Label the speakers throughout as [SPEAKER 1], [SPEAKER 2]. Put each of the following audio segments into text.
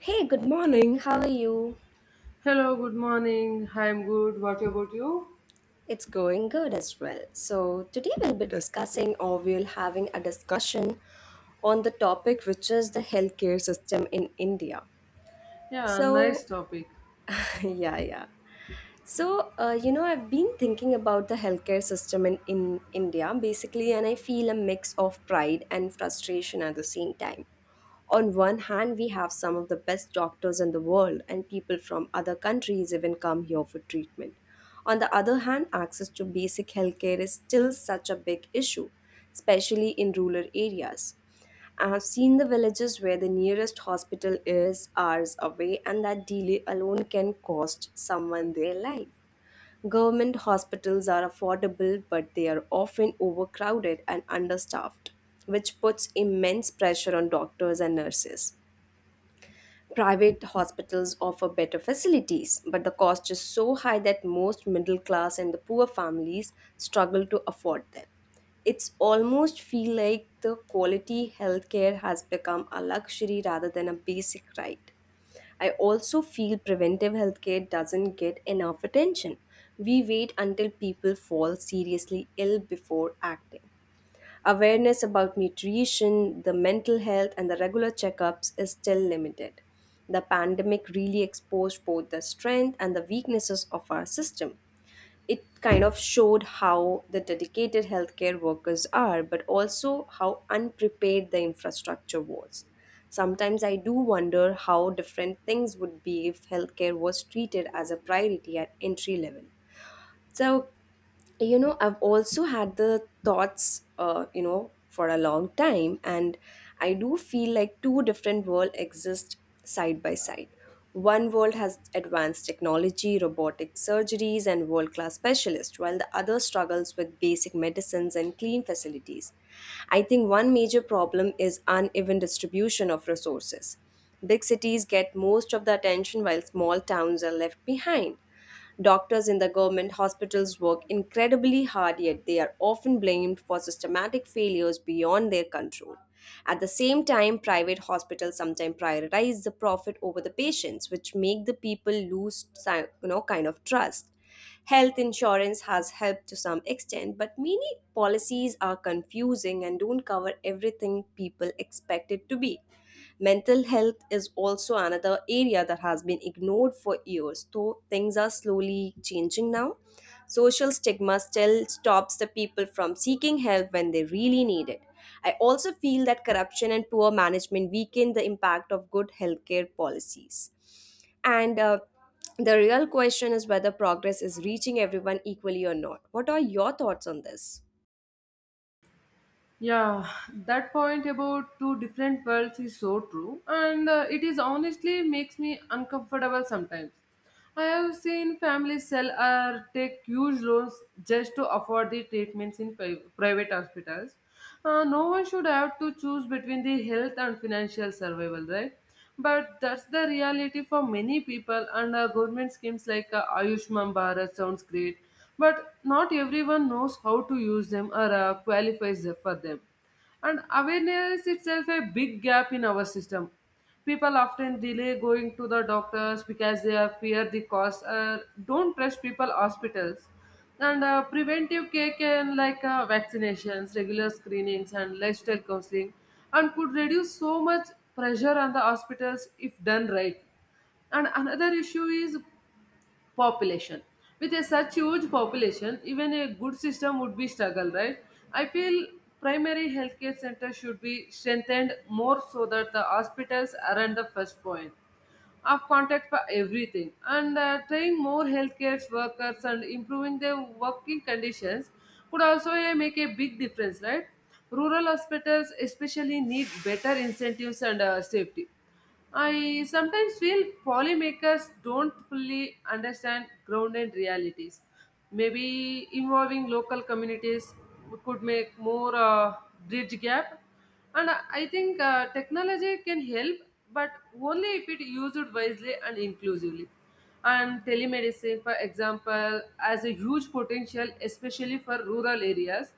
[SPEAKER 1] Hey, good morning. How are you?
[SPEAKER 2] Hello, good morning. I'm good. What about you?
[SPEAKER 1] It's going good as well. So, today we'll be discussing or we'll having a discussion on the topic which is the healthcare system in India.
[SPEAKER 2] Yeah,
[SPEAKER 1] So,
[SPEAKER 2] nice topic.
[SPEAKER 1] yeah, yeah. So, I've been thinking about the healthcare system in India basically, and I feel a mix of pride and frustration at the same time. On one hand, we have some of the best doctors in the world, and people from other countries even come here for treatment. On the other hand, access to basic healthcare is still such a big issue, especially in rural areas. I have seen the villages where the nearest hospital is hours away, and that delay alone can cost someone their life. Government hospitals are affordable, but they are often overcrowded and understaffed, which puts immense pressure on doctors and nurses. Private hospitals offer better facilities, but the cost is so high that most middle class and the poor families struggle to afford them. It's almost feel like the quality healthcare has become a luxury rather than a basic right. I also feel preventive healthcare doesn't get enough attention. We wait until people fall seriously ill before acting. Awareness about nutrition, the mental health, and the regular checkups is still limited. The pandemic really exposed both the strength and the weaknesses of our system. It kind of showed how the dedicated healthcare workers are, but also how unprepared the infrastructure was. Sometimes I do wonder how different things would be if healthcare was treated as a priority at entry level. So, you know, I've also had the thoughts for a long time, and I do feel like two different worlds exist side by side. One world has advanced technology, robotic surgeries, and world class specialists, while the other struggles with basic medicines and clean facilities. I think one major problem is uneven distribution of resources. Big cities get most of the attention while small towns are left behind. Doctors in the government hospitals work incredibly hard, yet they are often blamed for systematic failures beyond their control. At the same time, private hospitals sometimes prioritize the profit over the patients, which make the people lose kind of trust. Health insurance has helped to some extent, but many policies are confusing and don't cover everything people expect it to be. Mental health is also another area that has been ignored for years, though things are slowly changing now. Social stigma still stops the people from seeking help when they really need it. I also feel that corruption and poor management weaken the impact of good healthcare policies. And the real question is whether progress is reaching everyone equally or not. What are your thoughts on this?
[SPEAKER 2] Yeah, that point about two different worlds is so true, and it is honestly makes me uncomfortable sometimes. I have seen families sell or take huge loans just to afford the treatments in private hospitals. No one should have to choose between the health and financial survival, right? But that's the reality for many people, and government schemes like Ayushman Bharat sounds great, but not everyone knows how to use them or qualifies for them. And awareness itself a big gap in our system. People often delay going to the doctors because they are fear the cost or don't trust people hospitals. And preventive care can like vaccinations, regular screenings, and lifestyle counseling, and could reduce so much pressure on the hospitals if done right. And another issue is population. With a such huge population, even a good system would be struggle, right? I feel primary healthcare center should be strengthened more so that the hospitals aren't the first point of contact for everything. And training more healthcare workers and improving their working conditions could also make a big difference, right? Rural hospitals especially need better incentives and safety. I sometimes feel policymakers don't fully understand grounded realities. Maybe involving local communities could make more bridge gap. And I think technology can help, but only if it used wisely and inclusively. And telemedicine, for example, has a huge potential, especially for rural areas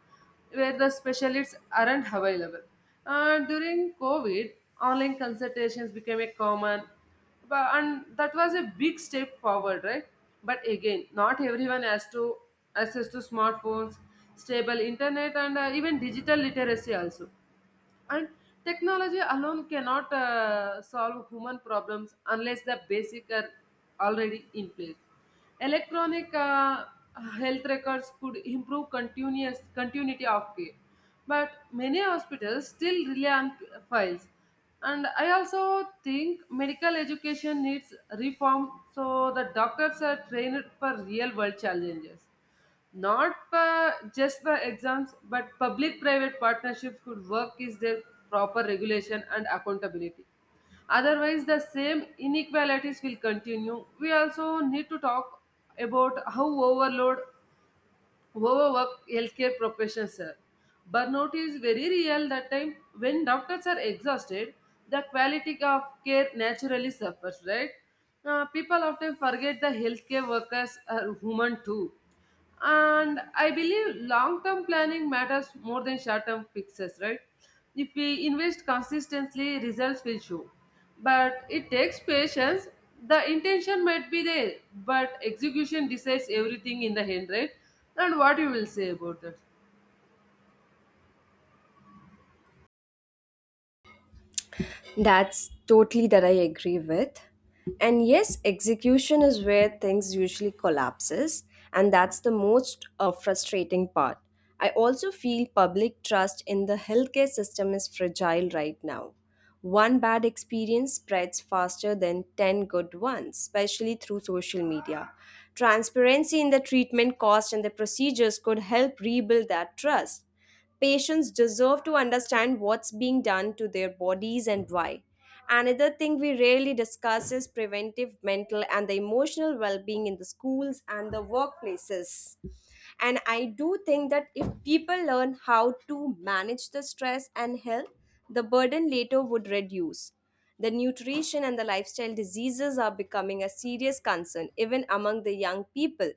[SPEAKER 2] where the specialists aren't available. During COVID, online consultations became a common, but, and that was a big step forward, right? But again, not everyone has to access to smartphones, stable internet, and even digital literacy also. And technology alone cannot solve human problems unless the basic are already in place. Electronic health records could improve continuous continuity of care, but many hospitals still rely on files. And I also think medical education needs reform, so the doctors are trained for real world challenges, not just by exams. But public private partnerships could work is their proper regulation and accountability, otherwise the same inequalities will continue. We also need to talk about how overload overwork healthcare professionals sir. Burnout is very real. That time when doctors are exhausted, the quality of care naturally suffers, right? People often forget the healthcare workers are human too. And I believe long term planning matters more than short term fixes, right? If we invest consistently, results will show, but it takes patience. The intention might be there, but execution decides everything in the end, right? And what you will say about that?
[SPEAKER 1] That's totally that I agree with. And yes, execution is where things usually collapses, and that's the most frustrating part. I also feel public trust in the healthcare system is fragile right now. One bad experience spreads faster than 10 good ones, especially through social media. Transparency in the treatment cost and the procedures could help rebuild that trust. Patients deserve to understand what's being done to their bodies and why. Another thing we rarely discuss is preventive mental and the emotional well being in the schools and the workplaces. And I do think that if people learn how to manage the stress and health, the burden later would reduce. The nutrition and the lifestyle diseases are becoming a serious concern, even among the young people.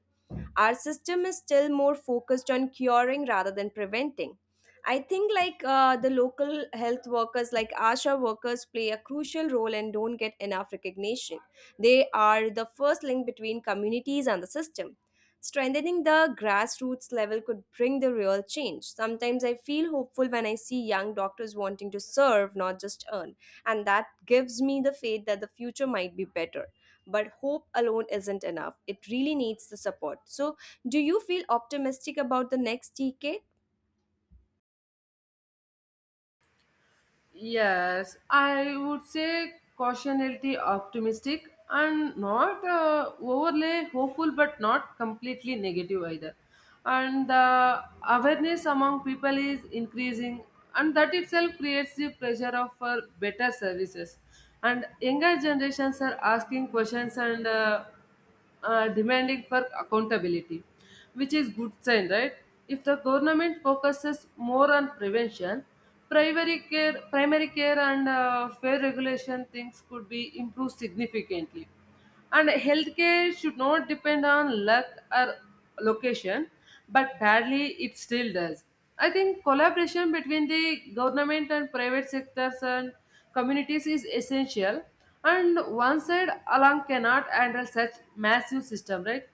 [SPEAKER 1] Our system is still more focused on curing rather than preventing. I think the local health workers, like ASHA workers, play a crucial role and don't get enough recognition. They are the first link between communities and the system. Strengthening the grassroots level could bring the real change. Sometimes I feel hopeful when I see young doctors wanting to serve, not just earn, and that gives me the faith that the future might be better. But hope alone isn't enough, it really needs the support. So do you feel optimistic about the next decade?
[SPEAKER 2] Yes, I would say cautionality optimistic and not overly hopeful, but not completely negative either. And the awareness among people is increasing, and that itself creates the pressure of for better services. And younger generations are asking questions and demanding for accountability, which is good sign, right? If the government focuses more on prevention, primary care and fair regulation, things could be improved significantly. And healthcare should not depend on luck or location, but badly it still does. I think collaboration between the government and private sectors and communities is essential, and one side alone cannot handle such massive system, right?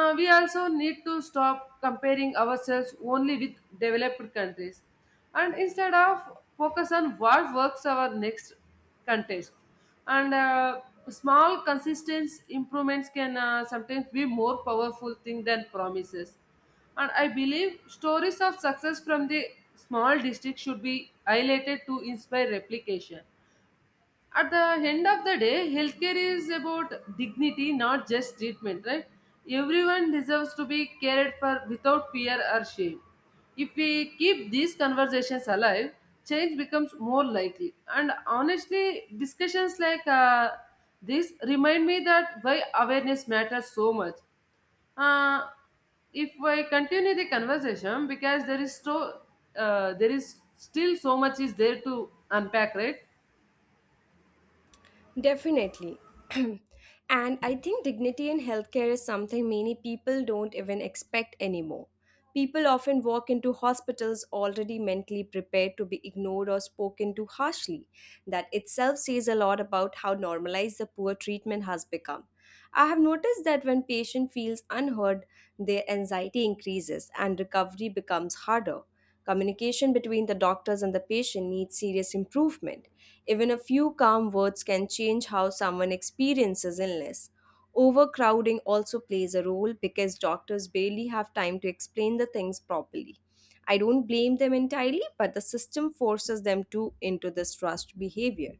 [SPEAKER 2] We also need to stop comparing ourselves only with developed countries and instead of focus on what works our next contest. And small consistent improvements can sometimes be more powerful thing than promises. And I believe stories of success from the small district should be highlighted to inspire replication. At the end of the day, healthcare is about dignity, not just treatment, right? Everyone deserves to be cared for without fear or shame. If we keep these conversations alive, change becomes more likely. And honestly, discussions like this remind me that why awareness matters so much. uh, if I continue the conversation because there is there is still so much is there to unpack, right?
[SPEAKER 1] Definitely. And I think dignity in healthcare is something many people don't even expect anymore. People often walk into hospitals already mentally prepared to be ignored or spoken to harshly. That itself says a lot about how normalized the poor treatment has become. I have noticed that when patient feels unheard, their anxiety increases and recovery becomes harder. Communication between the doctors and the patient needs serious improvement. Even a few calm words can change how someone experiences illness. Overcrowding also plays a role because doctors barely have time to explain the things properly. I don't blame them entirely, but the system forces them to into this rushed behavior.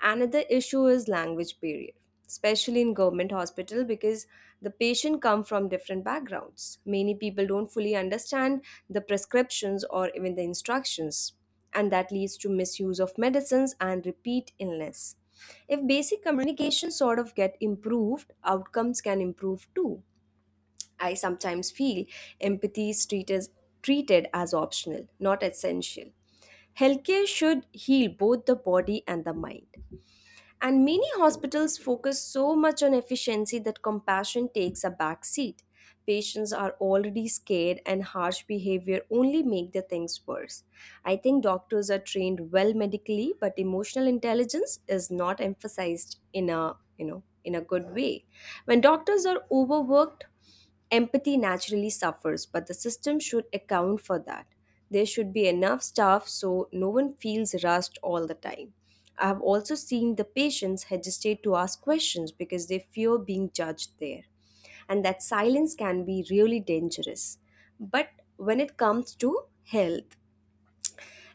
[SPEAKER 1] Another issue is language barrier, especially in government hospital because the patient come from different backgrounds. Many people don't fully understand the prescriptions or even the instructions, and that leads to misuse of medicines and repeat illness. If basic communication sort of get improved, outcomes can improve too. I sometimes feel empathy is treated as optional, not essential. Healthcare should heal both the body and the mind. And many hospitals focus so much on efficiency that compassion takes a back seat. Patients are already scared, and harsh behavior only make the things worse. I think doctors are trained well medically, but emotional intelligence is not emphasized in a in a good way. When doctors are overworked, empathy naturally suffers, but the system should account for that. There should be enough staff so no one feels rushed all the time. I have also seen the patients hesitate to ask questions because they fear being judged there, and that silence can be really dangerous. But when it comes to health,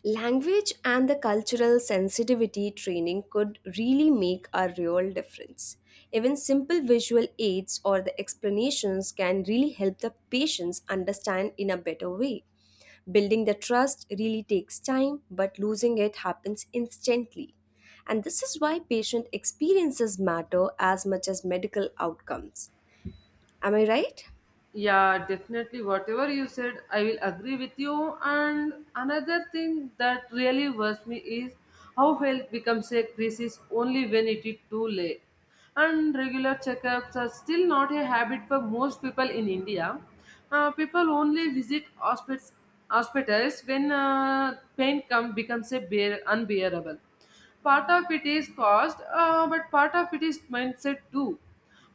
[SPEAKER 1] language and the cultural sensitivity training could really make a real difference. Even simple visual aids or the explanations can really help the patients understand in a better way. Building the trust really takes time, but losing it happens instantly. And this is why patient experiences matter as much as medical outcomes. Am I right?
[SPEAKER 2] Yeah, definitely. Whatever you said, I will agree with you. And another thing that really worries me is how health becomes a crisis only when it is too late. And regular checkups are still not a habit for most people in India. People only visit hospitals when pain becomes a unbearable. Part of it is cost, but part of it is mindset too.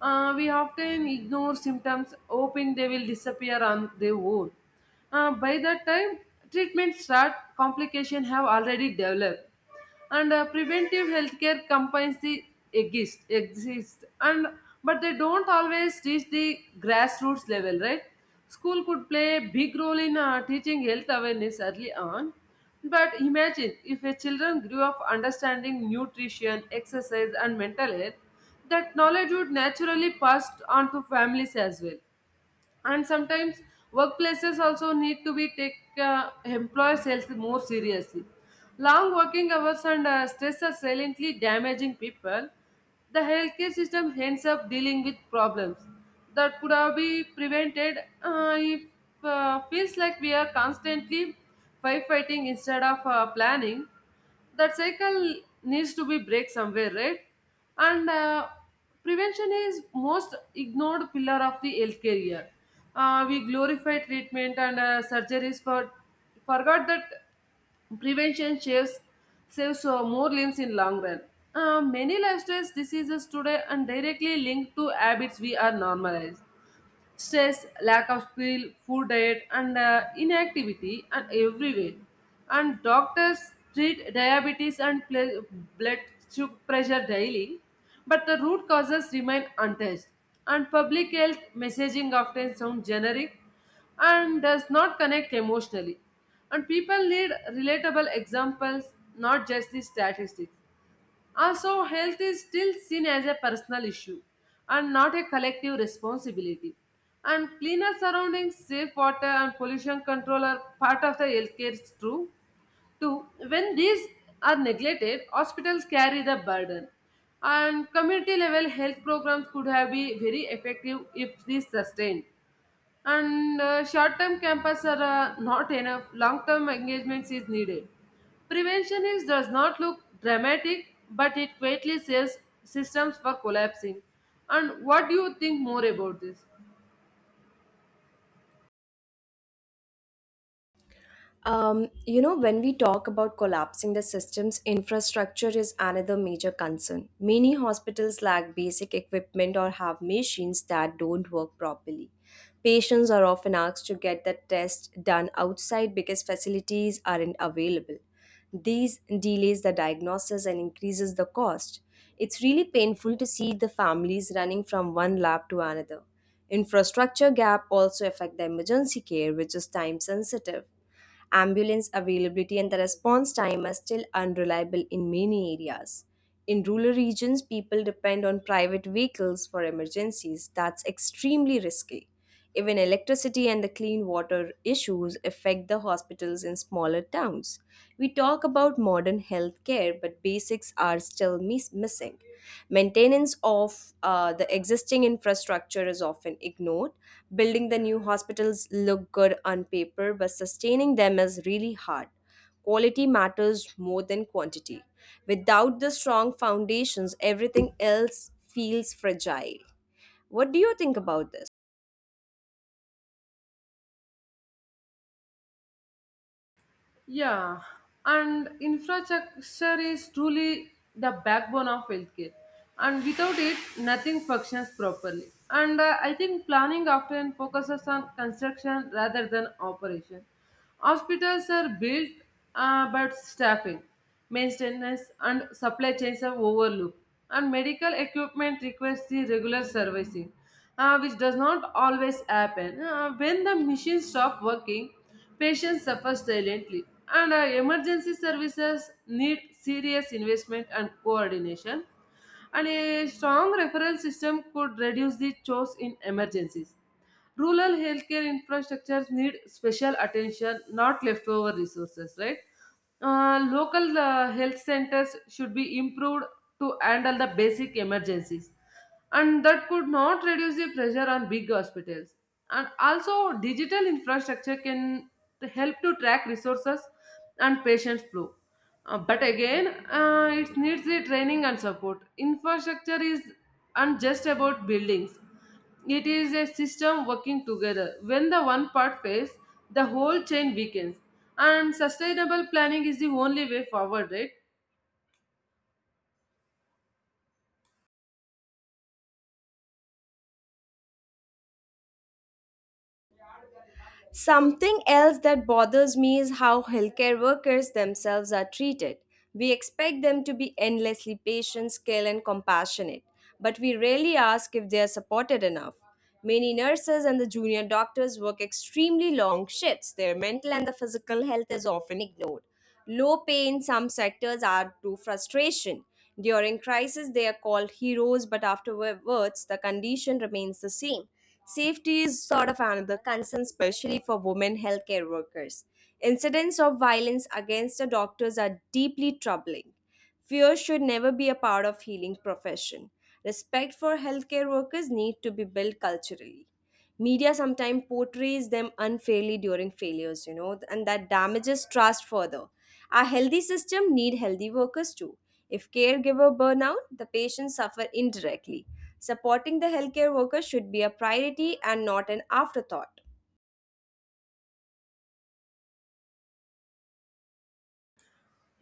[SPEAKER 2] We often ignore symptoms hoping they will disappear on their own. By that time treatment start, complication have already developed. And preventive healthcare companies exist and but they don't always reach the grassroots level, right? School could play a big role in teaching health awareness early on. But imagine if a children grew up understanding nutrition, exercise, and mental health, that knowledge would naturally pass on to families as well. And sometimes workplaces also need to be take employees health more seriously. Long working hours and stress are silently damaging people. The healthcare system ends up dealing with problems that could have been prevented if feels like we are constantly firefighting instead of planning. That cycle needs to be break somewhere, right? And prevention is most ignored pillar of the healthcare year. We glorify treatment and surgeries for forgot that prevention saves saves more limbs in long run. Many lifestyle diseases today and directly linked to habits we are normalized: stress, lack of sleep, food diet, and inactivity and everywhere. And doctors treat diabetes and blood pressure daily, but the root causes remain untouched. And public health messaging often sounds generic and does not connect emotionally. And people need relatable examples, not just the statistics. Also, health is still seen as a personal issue and not a collective responsibility. And cleaner surroundings, safe water, and pollution control are part of the healthcare too. Too, when these are neglected, hospitals carry the burden. And community level health programs could have been very effective if these sustained. And short-term campus are not enough, long-term engagements is needed. Prevention is does not look dramatic, but it greatly says systems for collapsing. And what do you think more about this?
[SPEAKER 1] When we talk about collapsing the systems, infrastructure is another major concern. Many hospitals lack basic equipment or have machines that don't work properly. Patients are often asked to get the test done outside because facilities aren't available. These delays the diagnosis and increases the cost. It's really painful to see the families running from one lab to another. Infrastructure gap also affect the emergency care, which is time sensitive. Ambulance availability and the response time are still unreliable in many areas. In rural regions, people depend on private vehicles for emergencies. That's extremely risky. Even electricity and the clean water issues affect the hospitals in smaller towns. We talk about modern healthcare, but basics are still missing. Maintenance of the existing infrastructure is often ignored. Building the new hospitals look good on paper, but sustaining them is really hard. Quality matters more than quantity. Without the strong foundations, everything else feels fragile. What do you think about this?
[SPEAKER 2] Yeah, and infrastructure is truly the backbone of healthcare, and without it, nothing functions properly. And I think planning often focuses on construction rather than operation. Hospitals are built, but staffing, maintenance, and supply chains are overlooked. And medical equipment requires the regular servicing, which does not always happen. When the machine stop working, patients suffer silently, and emergency services need serious investment and coordination. And a strong referral system could reduce the chores in emergencies. Rural healthcare infrastructures need special attention, not leftover resources, right? Local health centers should be improved to handle the basic emergencies, and that could not reduce the pressure on big hospitals. And also digital infrastructure can to help to track resources and patient flow. But again, it needs the training and support. Infrastructure is not just about buildings, it is a system working together. When the one part fails, the whole chain weakens, and sustainable planning is the only way forward, right?
[SPEAKER 1] Something else that bothers me is how healthcare workers themselves are treated. We expect them to be endlessly patient, skilled, and compassionate, but we rarely ask if they are supported enough. Many nurses and the junior doctors work extremely long shifts. Their mental and the physical health is often ignored. Low pay in some sectors are to frustration. During crisis, they are called heroes, but afterwards, the condition remains the same. Safety is sort of another concern, especially for women healthcare workers. Incidents of violence against the doctors are deeply troubling. Fear should never be a part of healing profession. Respect for healthcare workers need to be built culturally. Media sometimes portrays them unfairly during failures, you know, and that damages trust further. A healthy system need healthy workers too. If caregiver burn out, the patients suffer indirectly. Supporting the healthcare workers should be a priority and not an afterthought.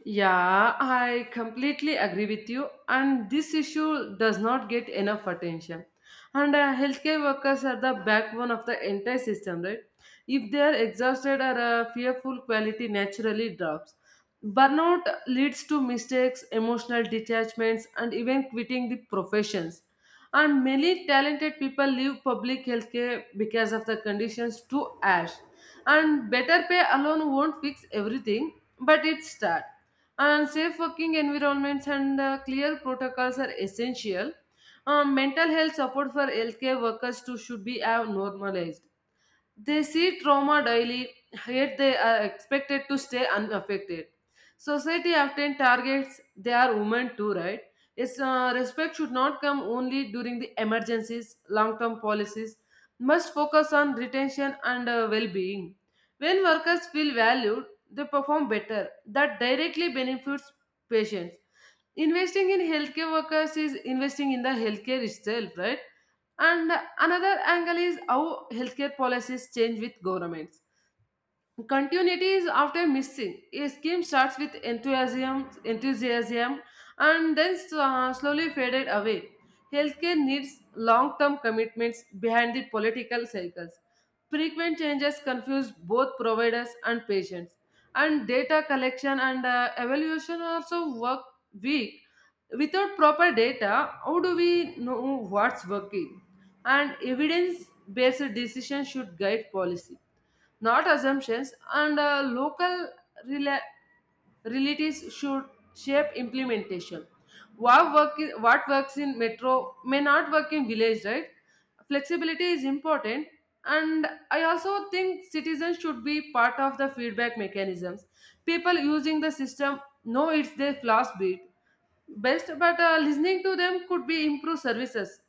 [SPEAKER 2] Yeah, I completely agree with you. And this issue does not get enough attention. And healthcare workers are the backbone of the entire system, right? If they are exhausted or fearful, quality naturally drops. Burnout leads to mistakes, emotional detachments, and even quitting the professions. And many talented people leave public healthcare because of the conditions too harsh. And better pay alone won't fix everything, but it start. And safe working environments and clear protocols are essential. Mental health support for healthcare workers too should be normalized. They see trauma daily, yet they are expected to stay unaffected. Society often targets their women too, right? Yes, respect should not come only during the emergencies, long term policies must focus on retention and well being. When workers feel valued, they perform better. That directly benefits patients. Investing in healthcare workers is investing in the healthcare itself, right? And another angle is how healthcare policies change with governments. Continuity is often missing. A scheme starts with enthusiasm, and then slowly faded away. Healthcare needs long-term commitments behind the political cycles. Frequent changes confuse both providers and patients, and data collection and evaluation also work weak. Without proper data, how do we know what's working? And evidence based decision should guide policy, not assumptions. And local rela- realities should shape implementation. What works in metro may not work in village, right? Flexibility is important, and I also think citizens should be part of the feedback mechanisms. People using the system know it's their flaws bit best, but listening to them could be improve services,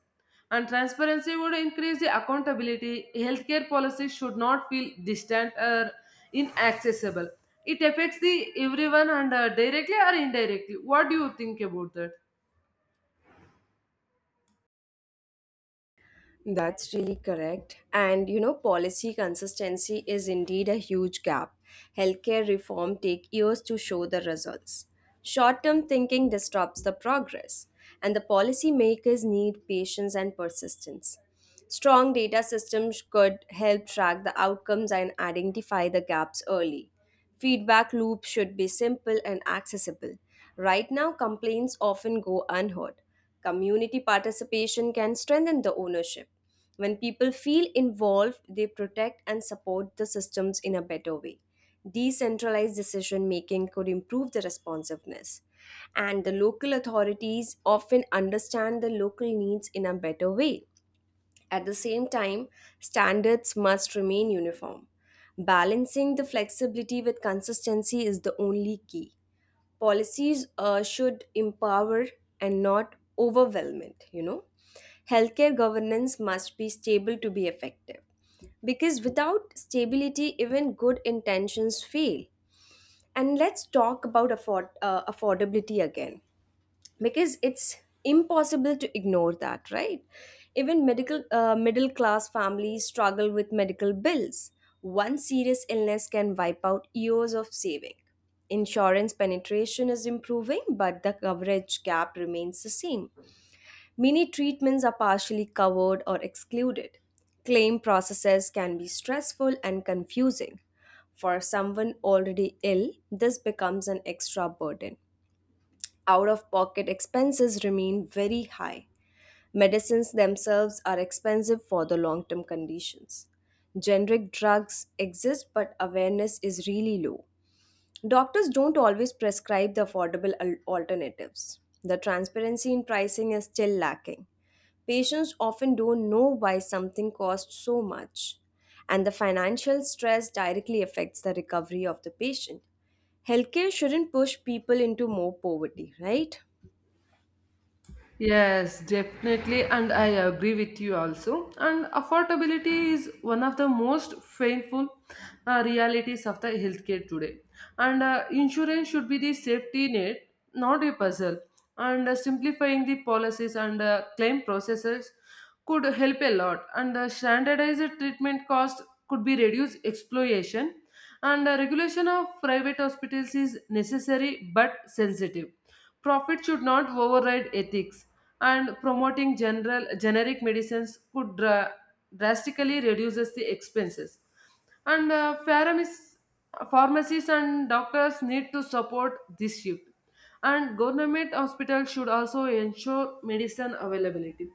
[SPEAKER 2] and transparency would increase the accountability. Healthcare policies should not feel distant or inaccessible. It affects the everyone, and directly or indirectly. What do you think about that?
[SPEAKER 1] That's really correct. And you know, policy consistency is indeed a huge gap. Healthcare reform take years to show the results. Short-term thinking disrupts the progress, and the policymakers need patience and persistence. Strong data systems could help track the outcomes and identify the gaps early. Feedback loops should be simple and accessible. Right now, complaints often go unheard. Community participation can strengthen the ownership. When people feel involved, they protect and support the systems in a better way. Decentralized decision making could improve the responsiveness. And the local authorities often understand the local needs in a better way. At the same time, standards must remain uniform. Balancing the flexibility with consistency is the only key. Policies should empower and not overwhelm it, you know. Healthcare governance must be stable to be effective. Because without stability, even good intentions fail. And let's talk about affordability again because it's impossible to ignore that, right? Even medical middle class families struggle with medical bills. One serious illness can wipe out years of saving. Insurance penetration is improving, but the coverage gap remains the same. Many treatments are partially covered or excluded. Claim processes can be stressful and confusing. For someone already ill, this becomes an extra burden. Out of pocket expenses remain very high. Medicines themselves are expensive for the long term conditions. Generic drugs exist, but awareness is really low. Doctors don't always prescribe the affordable alternatives. The transparency in pricing is still lacking. Patients often don't know why something costs so much, and the financial stress directly affects the recovery of the patient. Healthcare shouldn't push people into more poverty, right?
[SPEAKER 2] Yes, definitely, and I agree with you also. And affordability is one of the most painful realities of the healthcare today. And insurance should be the safety net, not a puzzle. And simplifying the policies and claim processes could help a lot. And standardized treatment cost could be reduced exploitation. And the regulation of private hospitals is necessary but sensitive. Profit should not override ethics, and promoting general generic medicines could drastically reduces the expenses. And pharmacies and doctors need to support this shift, and government hospitals should also ensure medicine availability,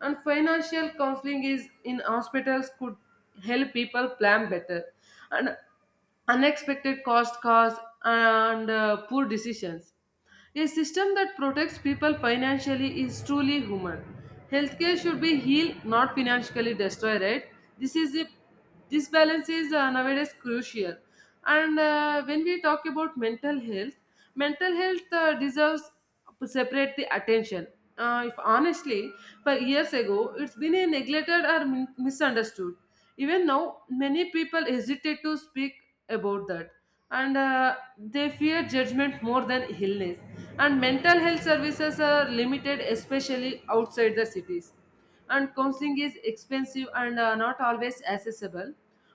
[SPEAKER 2] and financial counseling is in hospitals could help people plan better, and unexpected cost cause and poor decisions. A system that protects people financially is truly human. Healthcare should be healed, not financially destroyed, right? This is a, this balance is nowadays crucial. And when we talk about mental health, mental health deserves separate the attention. If honestly, 5 years ago, it's been a neglected or misunderstood. Even now, many people hesitate to speak about that, and they fear judgment more than illness. And mental health services are limited, especially outside the cities. And counseling is expensive and not always accessible.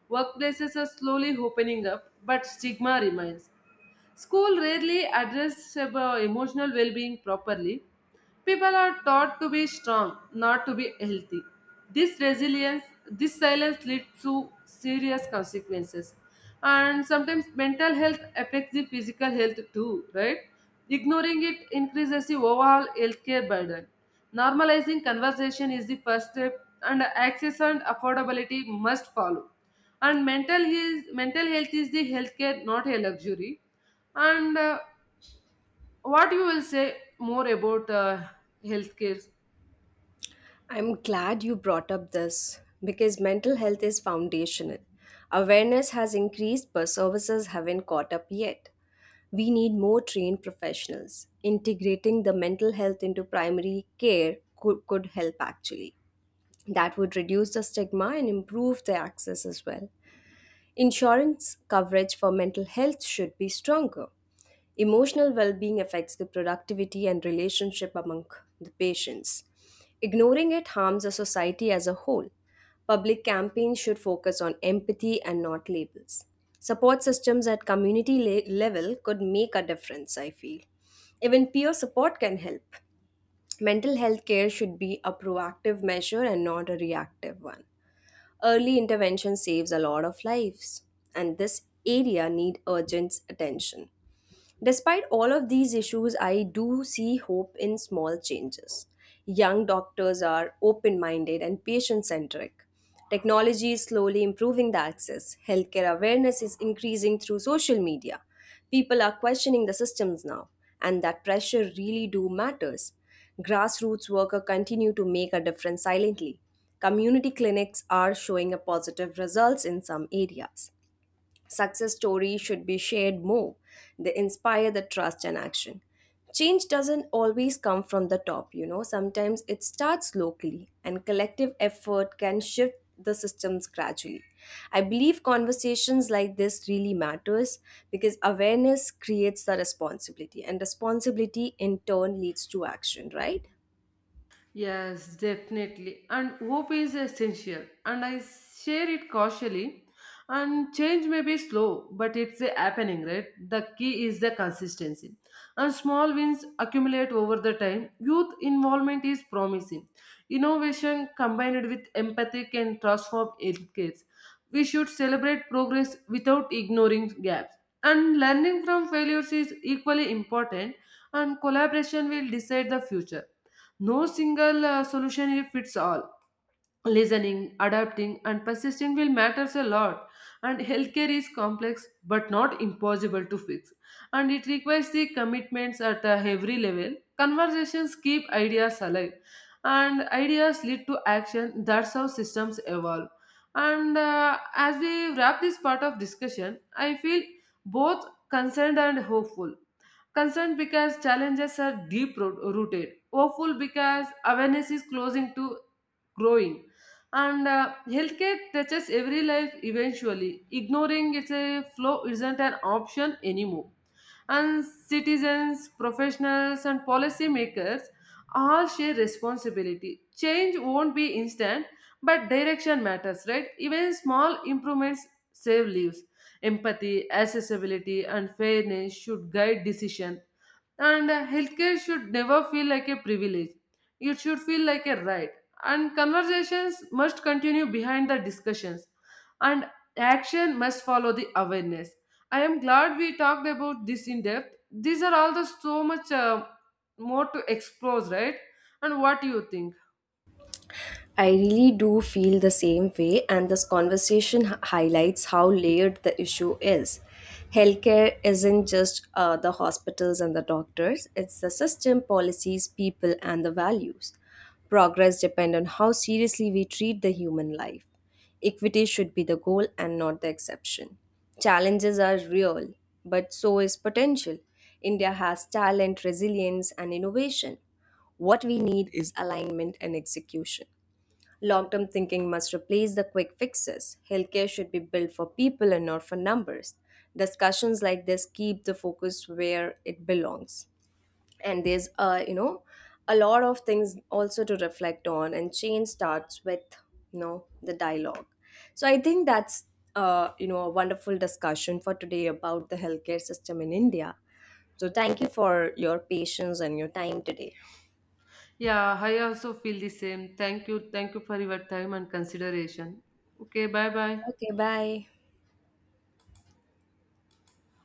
[SPEAKER 2] Workplaces are slowly opening up, but stigma remains. School rarely address about emotional well-being properly. People are taught to be strong, not to be healthy. This resilience, this silence leads to serious consequences. And sometimes mental health affects the physical health too, right? Ignoring it increases the overall healthcare burden. Normalizing conversation is the first step, and access and affordability must follow. And mental health is the healthcare, not a luxury. And what you will say more about healthcare?
[SPEAKER 1] I'm glad you brought up this because mental health is foundational. Awareness has increased, but services haven't caught up yet. We need more trained professionals. Integrating the mental health into primary care could help actually. That would reduce the stigma and improve the access as well. Insurance coverage for mental health should be stronger. Emotional well being affects the productivity and relationship among the patients. Ignoring it harms the society as a whole. Public campaigns should focus on empathy and not labels. Support systems at community level could make a difference, I feel. Even peer support can help. Mental health care should be a proactive measure and not a reactive one. Early intervention saves a lot of lives, and this area need urgent attention. Despite all of these issues, I do see hope in small changes. Young doctors are open minded and patient centric. Technology is slowly improving the access. Healthcare awareness is increasing through social media. People are questioning the systems now, and that pressure really do matters. Grassroots workers continue to make a difference silently. Community clinics are showing a positive results in some areas. Success stories should be shared more. They inspire the trust and action. Change doesn't always come from the top, you know. Sometimes it starts locally, and collective effort can shift the systems gradually. I believe conversations like this really matters, because awareness creates the responsibility, and responsibility in turn leads to action, right?
[SPEAKER 2] Yes, definitely. And hope is essential, and I share it cautiously. And change may be slow, but it's a happening, right? The key is the consistency. And small wins accumulate over the time. Youth involvement is promising. Innovation combined with empathy can transform educates. We should celebrate progress without ignoring gaps. And learning from failures is equally important, and collaboration will decide the future. No single solution fits all. Listening, adapting, and persisting will matters a lot. And healthcare is complex but not impossible to fix. And it requires the commitments at every level. Conversations keep ideas alive, and ideas lead to action. That's how systems evolve. And as we wrap this part of discussion, I feel both concerned and hopeful. Concerned because challenges are deep rooted. Hopeful because awareness is closing to growing. And healthcare touches every life eventually. Ignoring its a flow isn't an option anymore, and citizens, professionals, and policymakers all share responsibility. Change won't be instant, but direction matters, right? Even small improvements save lives. Empathy, accessibility, and fairness should guide decision. And healthcare should never feel like a privilege. It should feel like a right. And conversations must continue behind the discussions. And action must follow the awareness. I am glad we talked about this in depth. These are all the so much more to explore, right? And what do you think?
[SPEAKER 1] I really do feel the same way, and this highlights how layered the issue is. Healthcare isn't just the hospitals and the doctors, it's the system, policies, people, and the values. Progress depends on how seriously we treat the human life. Equity should be the goal and not the exception. Challenges are real, but so is potential. India has talent, resilience, and innovation. What we need is alignment and execution. Long term thinking must replace the quick fixes. Healthcare should be built for people and not for numbers. Discussions like this keep the focus where it belongs. And there's a lot of things also to reflect on, and change starts with the dialogue. So I think that's a wonderful discussion for today about the healthcare system in India. So thank you for your patience and your time today.
[SPEAKER 2] Yeah, I also feel the same. Thank you. Thank you for your time and consideration. Okay, bye bye.
[SPEAKER 1] Okay, bye.